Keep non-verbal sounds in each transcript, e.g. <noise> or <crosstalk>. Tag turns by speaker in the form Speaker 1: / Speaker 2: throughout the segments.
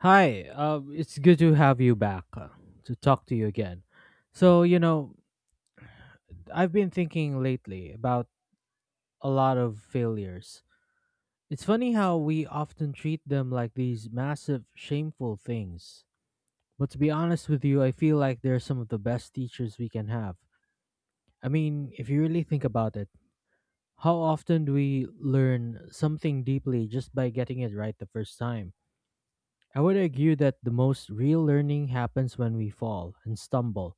Speaker 1: Hi, it's good to have you back, to talk to you again. So, I've been thinking lately about a lot of failures. It's funny how we often treat them like these massive, shameful things. But to be honest with you, I feel like they're some of the best teachers we can have. I mean, if you really think about it, how often do we learn something deeply just by getting it right the first time? I would argue that the most real learning happens when we fall and stumble.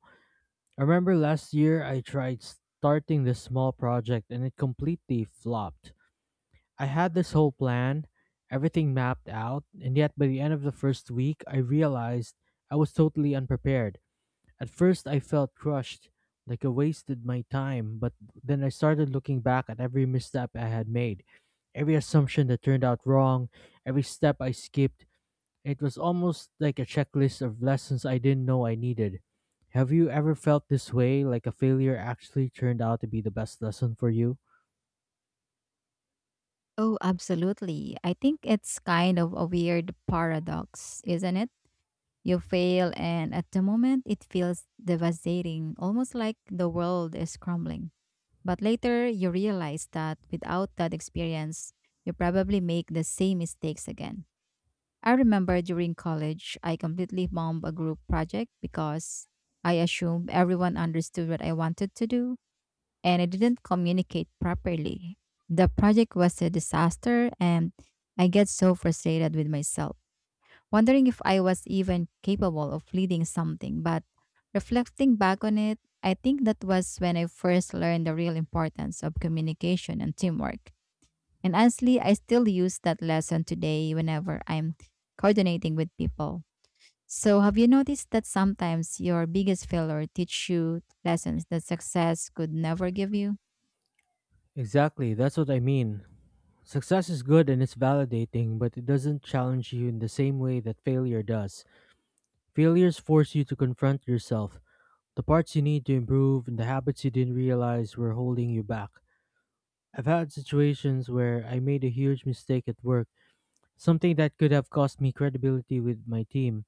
Speaker 1: I remember last year I tried starting this small project and it completely flopped. I had this whole plan, everything mapped out, and yet by the end of the first week I realized I was totally unprepared. At first I felt crushed, like I wasted my time, but then I started looking back at every misstep I had made, every assumption that turned out wrong, every step I skipped. It was almost like a checklist of lessons I didn't know I needed. Have you ever felt this way, like a failure actually turned out to be the best lesson for you?
Speaker 2: Oh, absolutely. I think it's kind of a weird paradox, isn't it? You fail, and at the moment, it feels devastating, almost like the world is crumbling. But later, you realize that without that experience, you probably make the same mistakes again. I remember during college, I completely bombed a group project because I assumed everyone understood what I wanted to do and it didn't communicate properly. The project was a disaster, and I get so frustrated with myself, wondering if I was even capable of leading something. But reflecting back on it, I think that was when I first learned the real importance of communication and teamwork. And honestly, I still use that lesson today whenever I'm coordinating with people. So, have you noticed that sometimes your biggest failure teach you lessons that success could never give you?
Speaker 1: Exactly, that's what I mean. Success is good and it's validating, but it doesn't challenge you in the same way that failure does. Failures force you to confront yourself, the parts you need to improve, and the habits you didn't realize were holding you back. I've had situations where I made a huge mistake at work, something that could have cost me credibility with my team,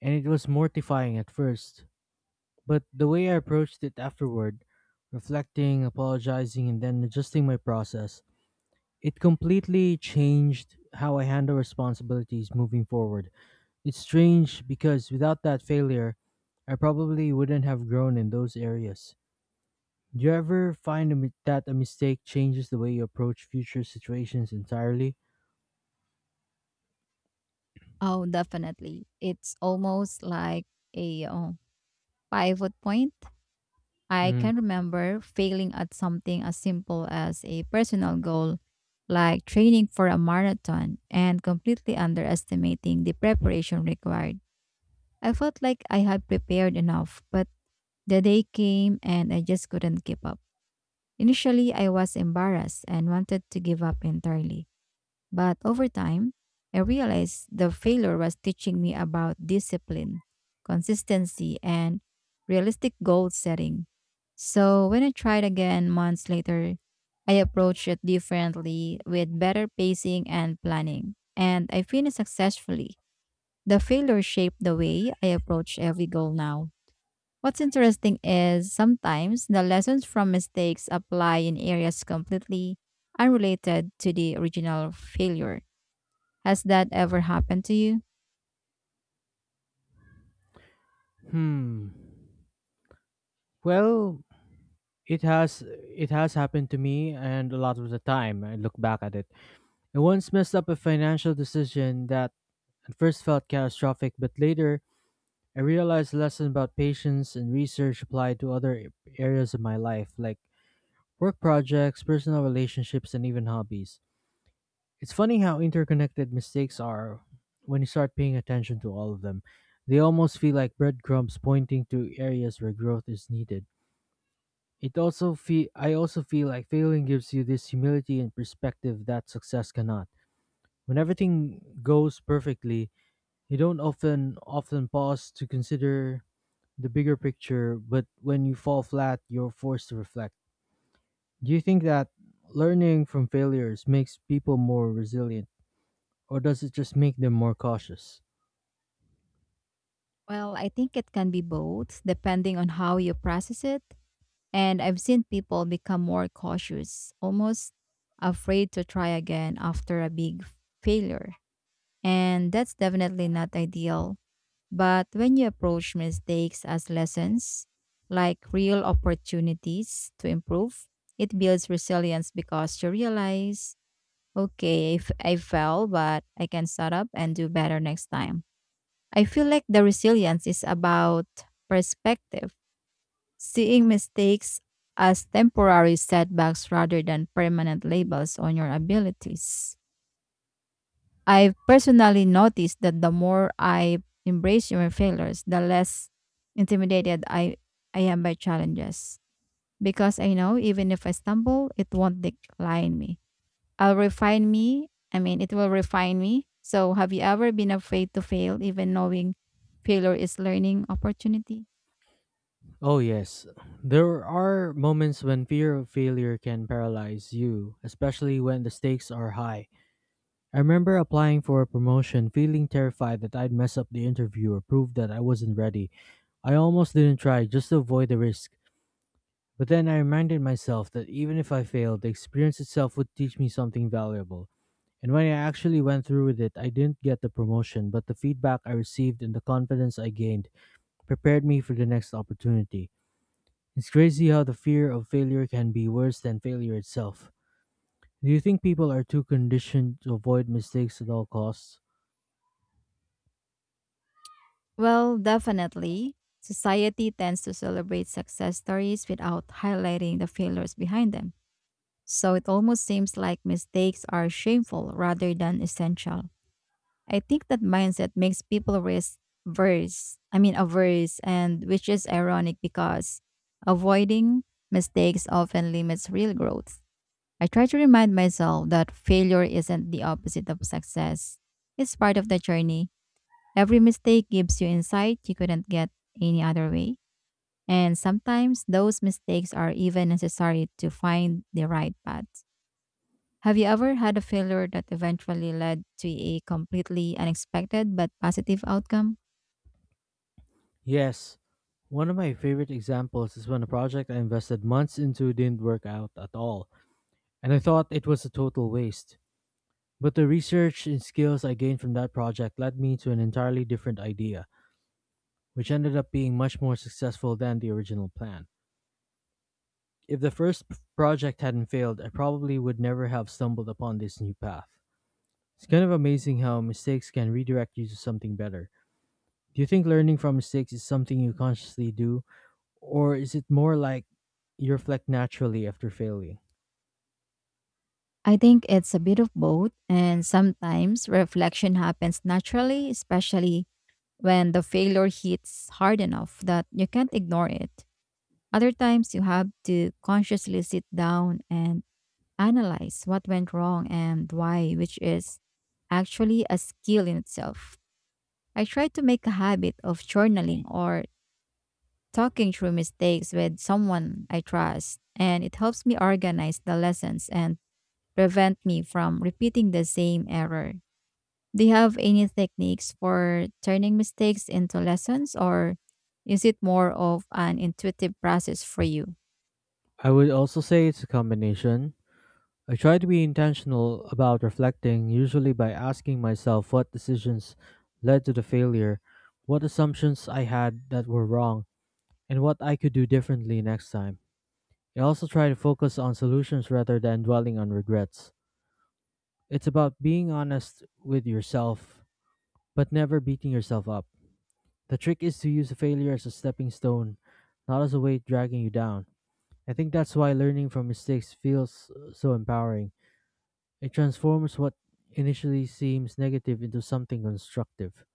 Speaker 1: and it was mortifying at first. But the way I approached it afterward, reflecting, apologizing, and then adjusting my process, it completely changed how I handle responsibilities moving forward. It's strange because without that failure, I probably wouldn't have grown in those areas. Do you ever find that a mistake changes the way you approach future situations entirely?
Speaker 2: Oh, definitely. It's almost like a pivot point. I
Speaker 1: Mm.
Speaker 2: can remember failing at something as simple as a personal goal, like training for a marathon, and completely underestimating the preparation required. I felt like I had prepared enough, but the day came and I just couldn't keep up. Initially, I was embarrassed and wanted to give up entirely. But over time, I realized the failure was teaching me about discipline, consistency, and realistic goal setting. So when I tried again months later, I approached it differently with better pacing and planning, and I finished successfully. The failure shaped the way I approach every goal now. What's interesting is sometimes the lessons from mistakes apply in areas completely unrelated to the original failure has that ever happened to you?
Speaker 1: Hmm. Well, it has happened to me, and a lot of the time I look back at it. I once messed up a financial decision that at first felt catastrophic, but later I realized lesson about patience and research applied to other areas of my life, like work projects, personal relationships, and even hobbies. It's funny how interconnected mistakes are when you start paying attention to all of them. They almost feel like breadcrumbs pointing to areas where growth is needed. It also feel I also feel like failing gives you this humility and perspective that success cannot. When everything goes perfectly, you don't often pause to consider the bigger picture, but when you fall flat, you're forced to reflect. Do you think that learning from failures makes people more resilient, or does it just make them more cautious?
Speaker 2: Well, I think it can be both, depending on how you process it. And I've seen people become more cautious, almost afraid to try again after a big failure. And that's definitely not ideal. But when you approach mistakes as lessons, like real opportunities to improve, it builds resilience because you realize, okay, if I fell, but I can start up and do better next time. I feel like the resilience is about perspective, seeing mistakes as temporary setbacks rather than permanent labels on your abilities. I've personally noticed that the more I embrace my failures, the less intimidated I am by challenges. Because I know even if I stumble, it won't decline me. I'll refine me. I mean, it will refine me. So, have you ever been afraid to fail, even knowing failure is learning opportunity?
Speaker 1: Oh yes, there are moments when fear of failure can paralyze you, especially when the stakes are high. I remember applying for a promotion, feeling terrified that I'd mess up the interview or prove that I wasn't ready. I almost didn't try just to avoid the risk. But then I reminded myself that even if I failed, the experience itself would teach me something valuable. And when I actually went through with it, I didn't get the promotion, but the feedback I received and the confidence I gained prepared me for the next opportunity. It's crazy how the fear of failure can be worse than failure itself. Do you think people are too conditioned to avoid mistakes at all costs?
Speaker 2: Well, definitely. Society tends to celebrate success stories without highlighting the failures behind them. So, it almost seems like mistakes are shameful rather than essential. I think that mindset makes people risk verse, I mean, averse, and which is ironic because avoiding mistakes often limits real growth. I try to remind myself that failure isn't the opposite of success. It's part of the journey. Every mistake gives you insight you couldn't get any other way. And sometimes those mistakes are even necessary to find the right path. Have you ever had a failure that eventually led to a completely unexpected but positive outcome?
Speaker 1: Yes, one of my favorite examples is when a project I invested months into didn't work out at all, and I thought it was a total waste. But the research and skills I gained from that project led me to an entirely different idea, which ended up being much more successful than the original plan. If the first project hadn't failed, I probably would never have stumbled upon this new path. It's kind of amazing how mistakes can redirect you to something better. Do you think learning from mistakes is something you consciously do, or is it more like you reflect naturally after failing?
Speaker 2: I think it's a bit of both, and sometimes reflection happens naturally, especially when the failure hits hard enough that you can't ignore it. Other times, you have to consciously sit down and analyze what went wrong and why, which is actually a skill in itself. I try to make a habit of journaling or talking through mistakes with someone I trust, and it helps me organize the lessons and prevent me from repeating the same error. Do you have any techniques for turning mistakes into lessons, or is it more of an intuitive process for you?
Speaker 1: I would also say it's a combination. I try to be intentional about reflecting, usually by asking myself what decisions led to the failure, what assumptions I had that were wrong, and what I could do differently next time. I also try to focus on solutions rather than dwelling on regrets. It's about being honest with yourself, but never beating yourself up. The trick is to use a failure as a stepping stone, not as a weight dragging you down. I think that's why learning from mistakes feels so empowering. It transforms what initially seems negative into something constructive.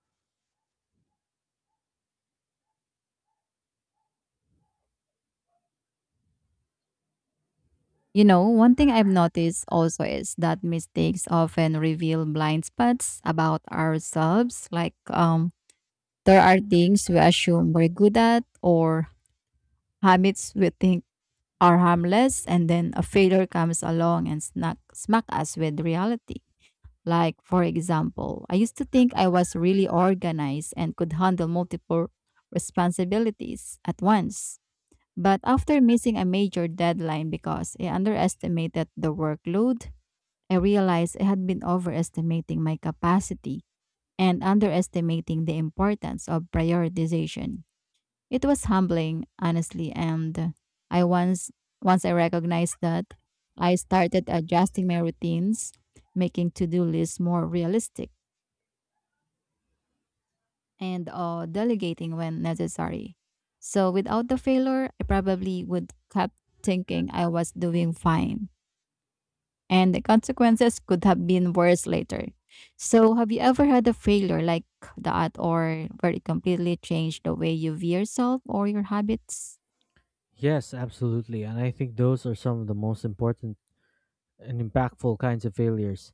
Speaker 2: You know, one thing I've noticed also is that mistakes often reveal blind spots about ourselves. Like, there are things we assume we're good at or habits we think are harmless, and then a failure comes along and smack us with reality. Like, for example, I used to think I was really organized and could handle multiple responsibilities at once. But after missing a major deadline because I underestimated the workload, I realized I had been overestimating my capacity and underestimating the importance of prioritization. It was humbling, honestly, and I once once I recognized that, I started adjusting my routines, making to-do lists more realistic and delegating when necessary. So without the failure, I probably would kept thinking I was doing fine, and the consequences could have been worse later. So, have you ever had a failure like that, or where it completely changed the way you view yourself or your habits?
Speaker 1: Yes, absolutely. And I think those are some of the most important and impactful kinds of failures.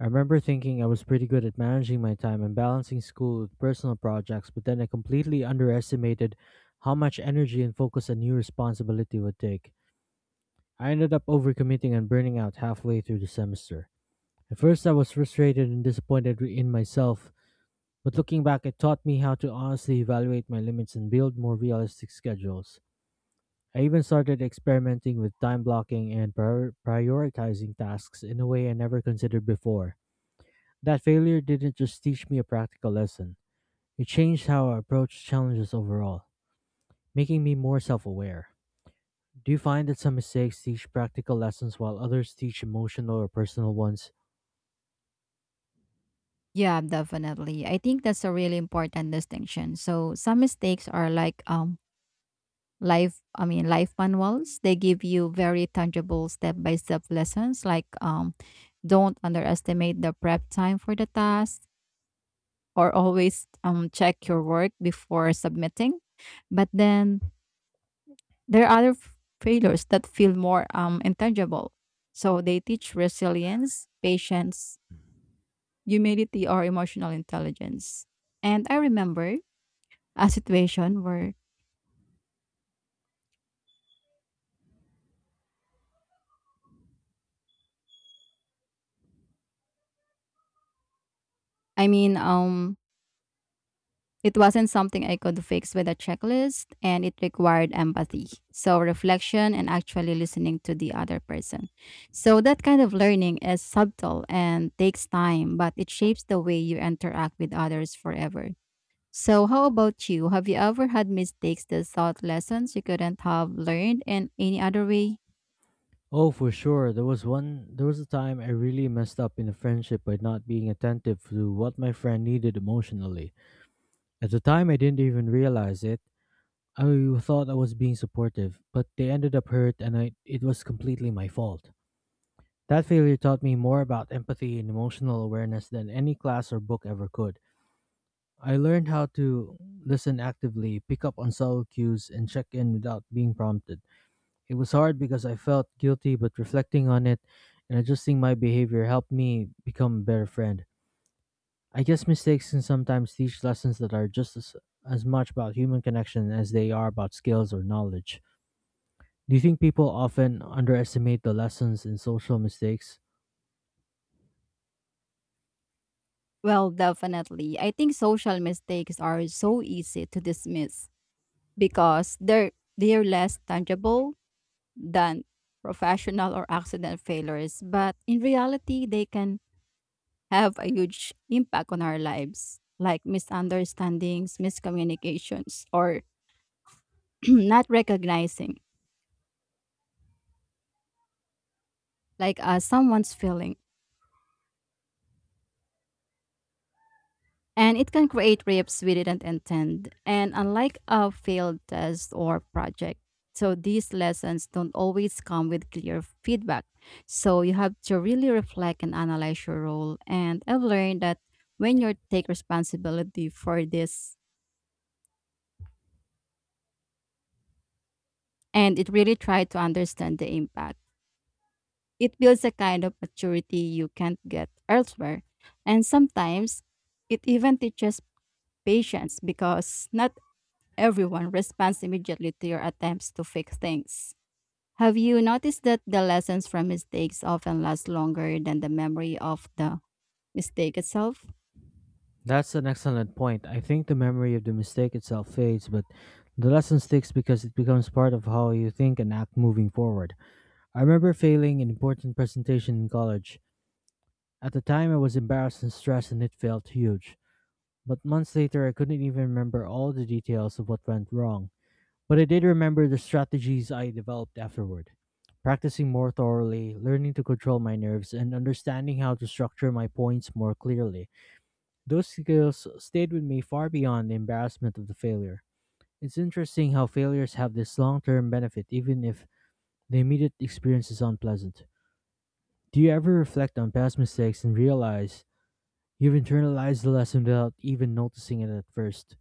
Speaker 1: I remember thinking I was pretty good at managing my time and balancing school with personal projects, but then I completely underestimated how much energy and focus a new responsibility would take. I ended up overcommitting and burning out halfway through the semester. At first, I was frustrated and disappointed in myself. But looking back, it taught me how to honestly evaluate my limits and build more realistic schedules. I even started experimenting with time blocking and prioritizing tasks in a way I never considered before. That failure didn't just teach me a practical lesson, it changed how I approach challenges overall, making me more self aware. Do you find that some mistakes teach practical lessons while others teach emotional or personal ones?
Speaker 2: Yeah, definitely. I think that's a really important distinction. So some mistakes are like life I mean life manuals. They give you very tangible step by step lessons like don't underestimate the prep time for the task or always check your work before submitting. But then there are other failures that feel more intangible. So they teach resilience, patience, humility, or emotional intelligence. And I remember a situation where, I mean, um, it wasn't something I could fix with a checklist, and it required empathy. So reflection and actually listening to the other person. So that kind of learning is subtle and takes time, but it shapes the way you interact with others forever. So, how about you? Have you ever had mistakes that taught lessons you couldn't have learned in any other way?
Speaker 1: Oh, for sure. There was a time I really messed up in a friendship by not being attentive to what my friend needed emotionally. At the time I didn't even realize it. I thought I was being supportive, but they ended up hurt and I it was completely my fault. That failure taught me more about empathy and emotional awareness than any class or book ever could. I learned how to listen actively, pick up on subtle cues, and check in without being prompted. It was hard because I felt guilty, but reflecting on it and adjusting my behavior helped me become a better friend. I guess mistakes can sometimes teach lessons that are as much about human connection as they are about skills or knowledge. Do you think people often underestimate the lessons in social mistakes?
Speaker 2: Well, definitely. I think social mistakes are so easy to dismiss because they're less tangible than professional or accident failures, but in reality, they can have a huge impact on our lives, like misunderstandings, miscommunications, or <clears throat> not recognizing like someone's feeling and it can create rifts we didn't intend. And unlike a failed test or project, so these lessons don't always come with clear feedback. So you have to really reflect and analyze your role. And I've learned that when you take responsibility for this and it really try to understand the impact, it builds a kind of maturity you can't get elsewhere. And sometimes it even teaches patience because not everyone responds immediately to your attempts to fix things. Have you noticed that the lessons from mistakes often last longer than the memory of the mistake itself?
Speaker 1: That's an excellent point. I think the memory of the mistake itself fades, but the lesson sticks because it becomes part of how you think and act moving forward. I remember failing an important presentation in college. At the time, I was embarrassed and stressed, and it felt huge. But months later, I couldn't even remember all the details of what went wrong. But I did remember the strategies I developed afterward. Practicing more thoroughly, learning to control my nerves, and understanding how to structure my points more clearly. Those skills stayed with me far beyond the embarrassment of the failure. It's interesting how failures have this long term benefit, even if the immediate experience is unpleasant. Do you ever reflect on past mistakes and realize you've internalized the lesson without even noticing it at first?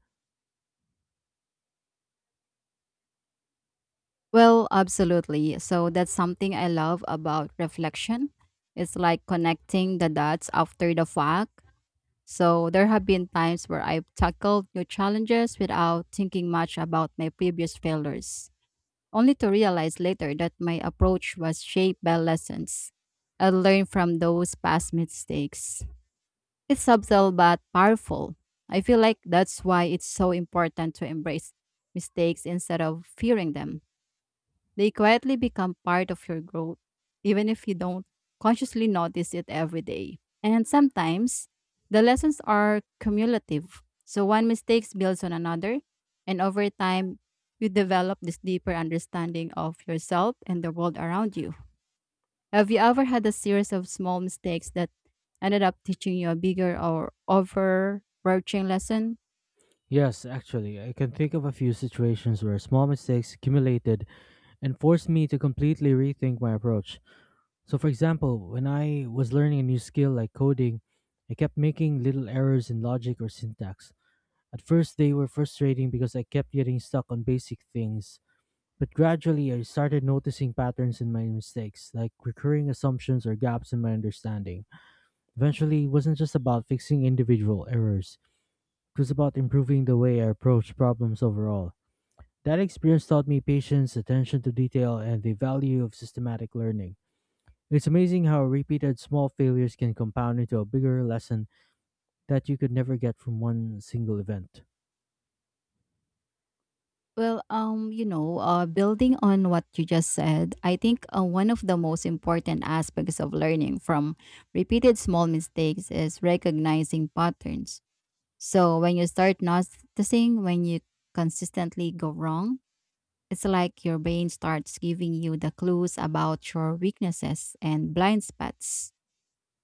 Speaker 2: Well, absolutely. So that's something I love about reflection. It's like connecting the dots after the fact. So there have been times where I've tackled new challenges without thinking much about my previous failures, only to realize later that my approach was shaped by lessons I learned from those past mistakes. It's subtle but powerful. I feel like that's why it's so important to embrace mistakes instead of fearing them. They quietly become part of your growth, even if you don't consciously notice it every day. And sometimes the lessons are cumulative. So one mistake builds on another, and over time, you develop this deeper understanding of yourself and the world around you. Have you ever had a series of small mistakes that ended up teaching you a bigger or overarching lesson?
Speaker 1: Yes, actually, I can think of a few situations where small mistakes accumulated and forced me to completely rethink my approach. So, for example, when I was learning a new skill like coding, I kept making little errors in logic or syntax. At first, they were frustrating because I kept getting stuck on basic things. But gradually, I started noticing patterns in my mistakes, like recurring assumptions or gaps in my understanding. Eventually, it wasn't just about fixing individual errors, it was about improving the way I approached problems overall. That experience taught me patience, attention to detail, and the value of systematic learning. It's amazing how repeated small failures can compound into a bigger lesson that you could never get from one single event.
Speaker 2: Building on what you just said, I think one of the most important aspects of learning from repeated small mistakes is recognizing patterns. So when you start noticing when you consistently go wrong, it's like your brain starts giving you the clues about your weaknesses and blind spots.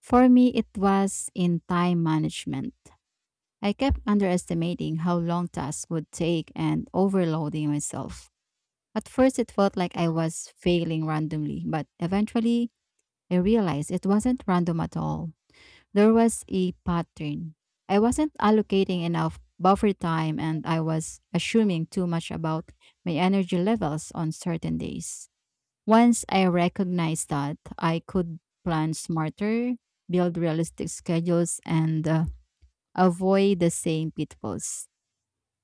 Speaker 2: For me, it was in time management. I kept underestimating how long tasks would take and overloading myself. At first, it felt like I was failing randomly, but eventually, I realized it wasn't random at all. There was a pattern. I wasn't allocating enough buffer time, and I was assuming too much about my energy levels on certain days. Once I recognized that, I could plan smarter, build realistic schedules, and avoid the same pitfalls.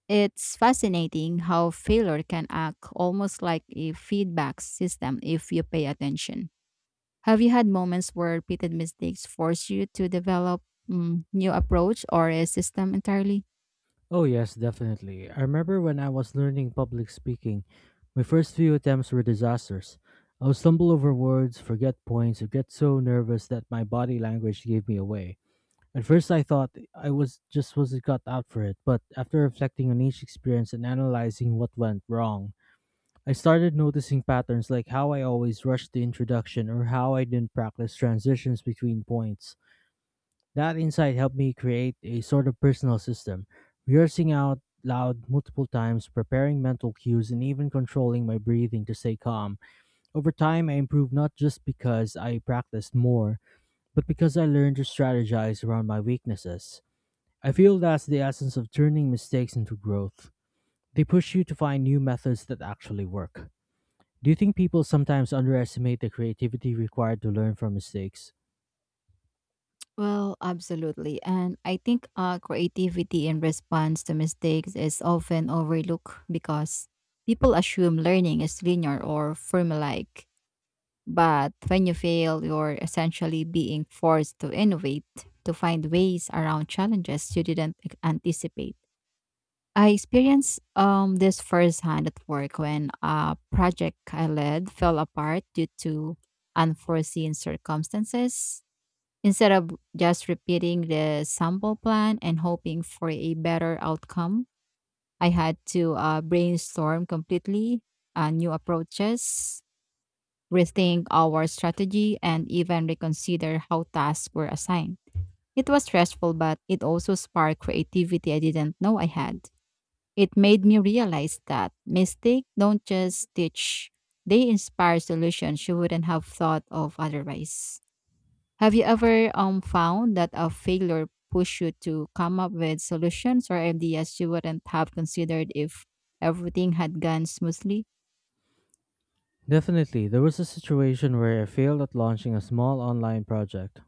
Speaker 2: It's fascinating how failure can act almost like a feedback system if you pay attention. Have you had moments where repeated mistakes force you to develop new approach or a system entirely?
Speaker 1: Oh, yes, definitely. I remember when I was learning public speaking, my first few attempts were disasters. I would stumble over words, forget points, or get so nervous that my body language gave me away. At first, I thought I was just wasn't cut out for it, but after reflecting on each experience and analyzing what went wrong, I started noticing patterns like how I always rushed the introduction or how I didn't practice transitions between points. That insight helped me create a sort of personal system, rehearsing out loud multiple times, preparing mental cues, and even controlling my breathing to stay calm. Over time, I improved not just because I practiced more, but because I learned to strategize around my weaknesses. I feel that's the essence of turning mistakes into growth. They push you to find new methods that actually work. Do you think people sometimes underestimate the creativity required to learn from mistakes?
Speaker 2: Well, absolutely. And I think creativity in response to mistakes is often overlooked because people assume learning is linear or formulaic. But when you fail, you're essentially being forced to innovate, to find ways around challenges you didn't anticipate. I experienced this firsthand at work when a project I led fell apart due to unforeseen circumstances. Instead of just repeating the sample plan and hoping for a better outcome, I had to brainstorm completely new approaches rethink our strategy, and even reconsider how tasks were assigned. It was stressful, but it also sparked creativity I didn't know I had. It made me realize that mistakes don't just teach, they inspire solutions you wouldn't have thought of otherwise. Have you ever found that a failure pushed you to come up with solutions or ideas you wouldn't have considered if everything had gone smoothly?
Speaker 1: Definitely, there was a situation where I failed at launching a small online project.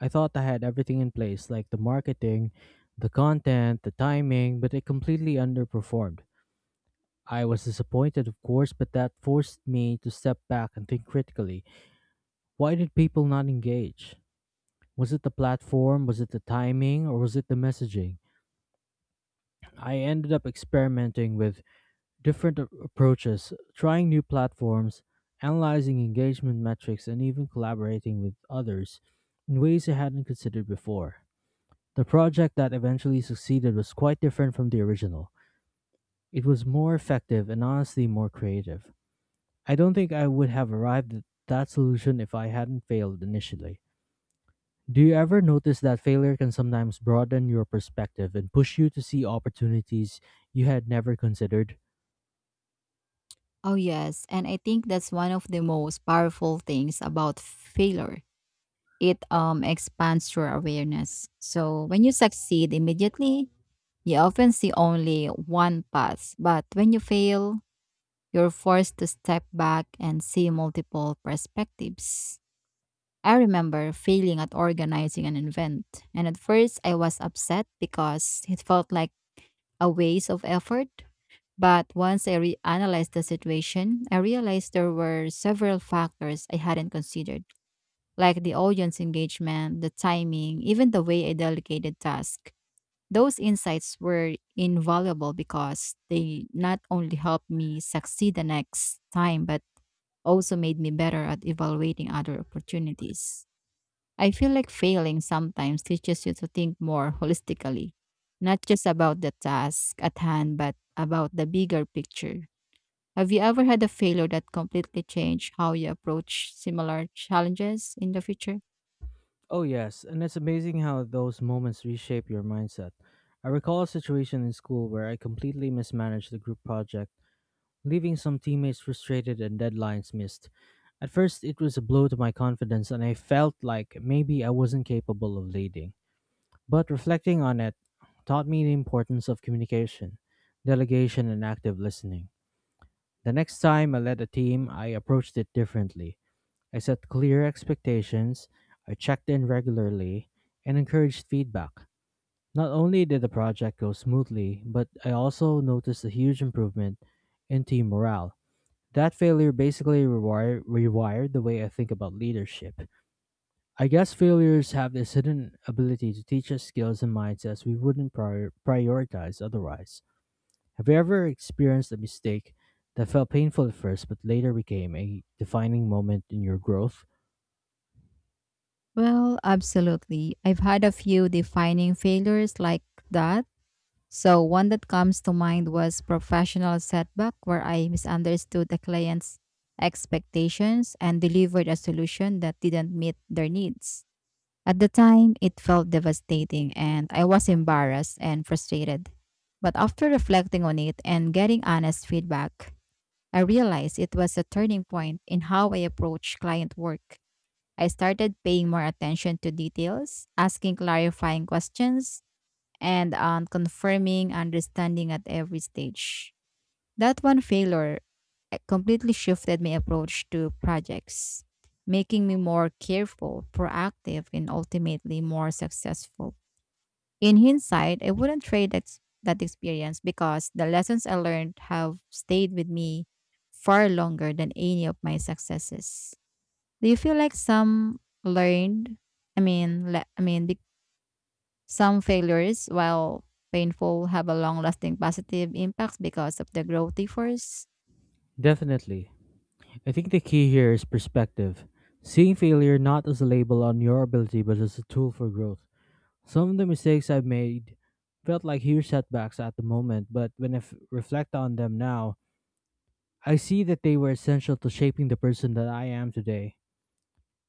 Speaker 1: I thought I had everything in place, like the marketing, the content, the timing, but it completely underperformed. I was disappointed, of course, but that forced me to step back and think critically. Why did people not engage? Was it the platform? Was it the timing? Or was it the messaging? I ended up experimenting with approaches, trying new platforms, analyzing engagement metrics, and even collaborating with others in ways I hadn't considered before. The project that eventually succeeded was quite different from the original. It was more effective and honestly more creative. I don't think I would have arrived at that solution if I hadn't failed initially. Do you ever notice that failure can sometimes broaden your perspective and push you to see opportunities you had never considered?
Speaker 2: Oh, yes. And I think that's one of the most powerful things about failure. It expands your awareness. So when you succeed immediately, you often see only one path. But when you fail, you're forced to step back and see multiple perspectives. I remember failing at organizing an event. And at first, I was upset because it felt like a waste of effort. But once I reanalyzed the situation, I realized there were several factors I hadn't considered, like the audience engagement, the timing, even the way I delegated tasks. Those insights were invaluable because they not only helped me succeed the next time, but also made me better at evaluating other opportunities. I feel like failing sometimes teaches you to think more holistically, not just about the task at hand, but about the bigger picture. Have you ever had a failure that completely changed how you approach similar challenges in the future?
Speaker 1: Oh, yes, and it's amazing how those moments reshape your mindset. I recall a situation in school where I completely mismanaged the group project, leaving some teammates frustrated and deadlines missed. At first, it was a blow to my confidence, and I felt like maybe I wasn't capable of leading. But reflecting on it taught me the importance of communication, delegation, and active listening. The next time I led a team, I approached it differently. I set clear expectations, I checked in regularly, and encouraged feedback. Not only did the project go smoothly, but I also noticed a huge improvement in team morale. That failure basically rewired the way I think about leadership. I guess failures have this hidden ability to teach us skills and mindsets we wouldn't prioritize otherwise. Have you ever experienced a mistake that felt painful at first but later became a defining moment in your growth?
Speaker 2: Well, absolutely. I've had a few defining failures like that. So, one that comes to mind was professional setback where I misunderstood a client's expectations and delivered a solution that didn't meet their needs. At the time, it felt devastating and I was embarrassed and frustrated. But after reflecting on it and getting honest feedback, I realized it was a turning point in how I approach client work. I started paying more attention to details, asking clarifying questions, and confirming understanding at every stage. That one failure completely shifted my approach to projects, making me more careful, proactive, and ultimately more successful. In hindsight, I wouldn't trade that experience because the lessons I learned have stayed with me far longer than any of my successes. Do you feel like some learned, I mean, le- I mean, be- some failures, while painful, have a long-lasting positive impact because of the growth they force?
Speaker 1: Definitely. I think the key here is perspective. Seeing failure not as a label on your ability but as a tool for growth. Some of the mistakes I've made felt like huge setbacks at the moment, but when reflect on them now, I see that they were essential to shaping the person that I am today.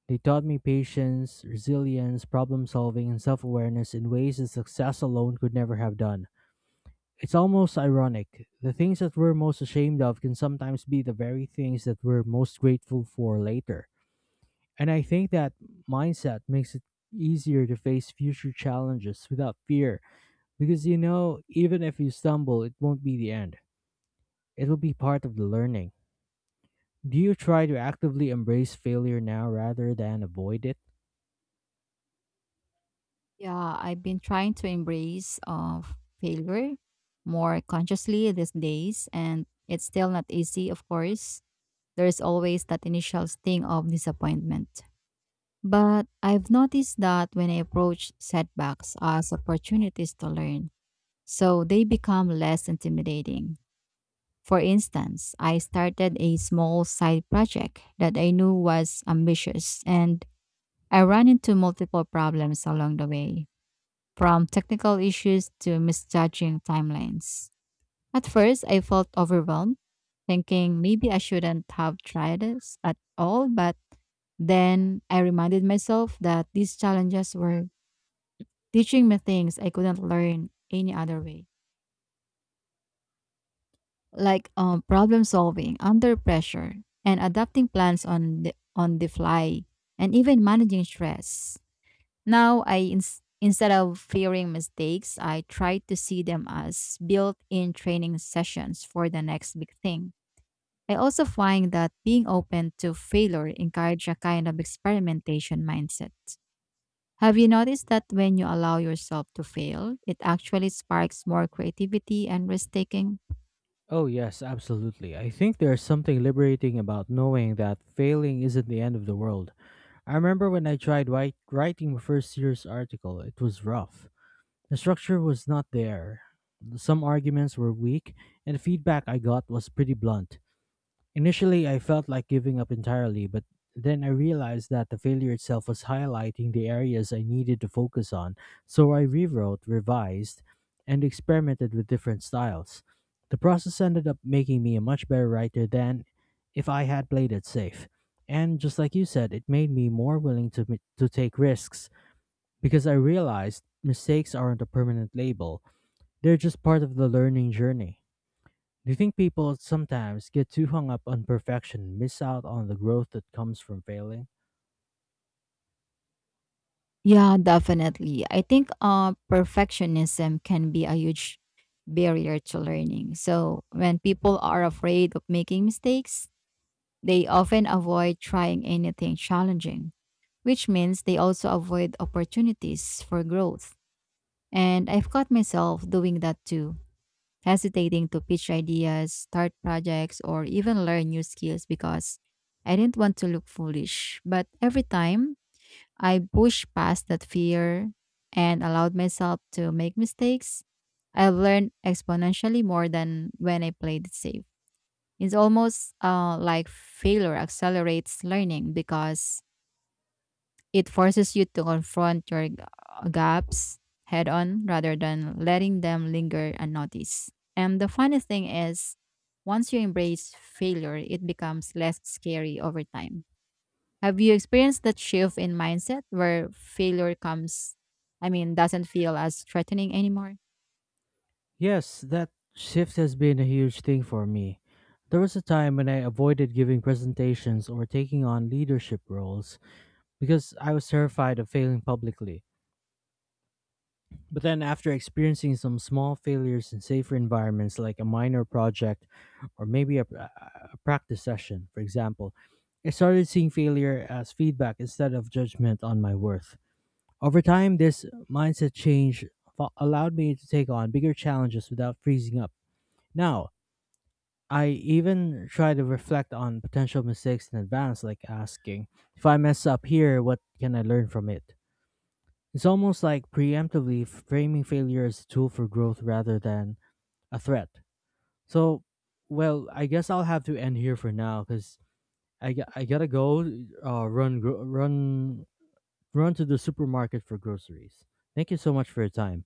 Speaker 1: They taught me patience, resilience, problem solving, and self awareness in ways that success alone could never have done. It's almost ironic. The things that we're most ashamed of can sometimes be the very things that we're most grateful for later. And I think that mindset makes it easier to face future challenges without fear because you know, even if you stumble, it won't be the end. It will be part of the learning. Do you try to actively embrace failure now rather than avoid it?
Speaker 2: Yeah, I've been trying to embrace of failure more consciously these days, and it's still not easy. Of course there's always that initial sting of disappointment. But I've noticed that when I approach setbacks as opportunities to learn, so they become less intimidating. For instance, I started a small side project that I knew was ambitious, and I ran into multiple problems along the way, from technical issues to misjudging timelines. At first, I felt overwhelmed, thinking maybe I shouldn't have tried this at all, but then I reminded myself that these challenges were teaching me things I couldn't learn any other way, like problem solving under pressure and adapting plans on the fly, and even managing stress. Now instead of fearing mistakes, I try to see them as built-in training sessions for the next big thing. I also find that being open to failure encourages a kind of experimentation mindset. Have you noticed that when you allow yourself to fail, it actually sparks more creativity and risk taking?
Speaker 1: Oh, yes, absolutely. I think there's something liberating about knowing that failing isn't the end of the world. I remember when I writing my first serious article, it was rough. The structure was not there. Some arguments were weak, and the feedback I got was pretty blunt. Initially, I felt like giving up entirely, but then I realized that the failure itself was highlighting the areas I needed to focus on, so I rewrote, revised, and experimented with different styles. The process ended up making me a much better writer than if I had played it safe. And just like you said, it made me more willing to take risks because I realized mistakes aren't a permanent label, they're just part of the learning journey. Do you think people sometimes get too hung up on perfection and miss out on the growth that comes from failing?
Speaker 2: Yeah, definitely. I think perfectionism can be a huge barrier to learning. So, when people are afraid of making mistakes, they often avoid trying anything challenging, which means they also avoid opportunities for growth. And I've caught myself doing that too, hesitating to pitch ideas, start projects, or even learn new skills because I didn't want to look foolish. But every time I pushed past that fear and allowed myself to make mistakes, I have learned exponentially more than when I played it safe. It's almost like failure accelerates learning because it forces you to confront your gaps head on rather than letting them linger unnoticed. And the funny thing is, once you embrace failure, it becomes less scary over time. Have you experienced that shift in mindset where failure comes, I mean, doesn't feel as threatening anymore?
Speaker 1: Yes, that shift has been a huge thing for me. There was a time when I avoided giving presentations or taking on leadership roles because I was terrified of failing publicly. But then, after experiencing some small failures in safer environments like a minor project or a practice session, for example, I started seeing failure as feedback instead of judgment on my worth. Over time, this mindset change allowed me to take on bigger challenges without freezing up. Now, I even try to reflect on potential mistakes in advance, like asking, if I mess up here, what can I learn from it? It's almost like preemptively framing failure as a tool for growth rather than a threat. So, well, I guess I'll have to end here for now because I gotta go uh, run, gro- run, run to the supermarket for groceries. Thank you so much for your time.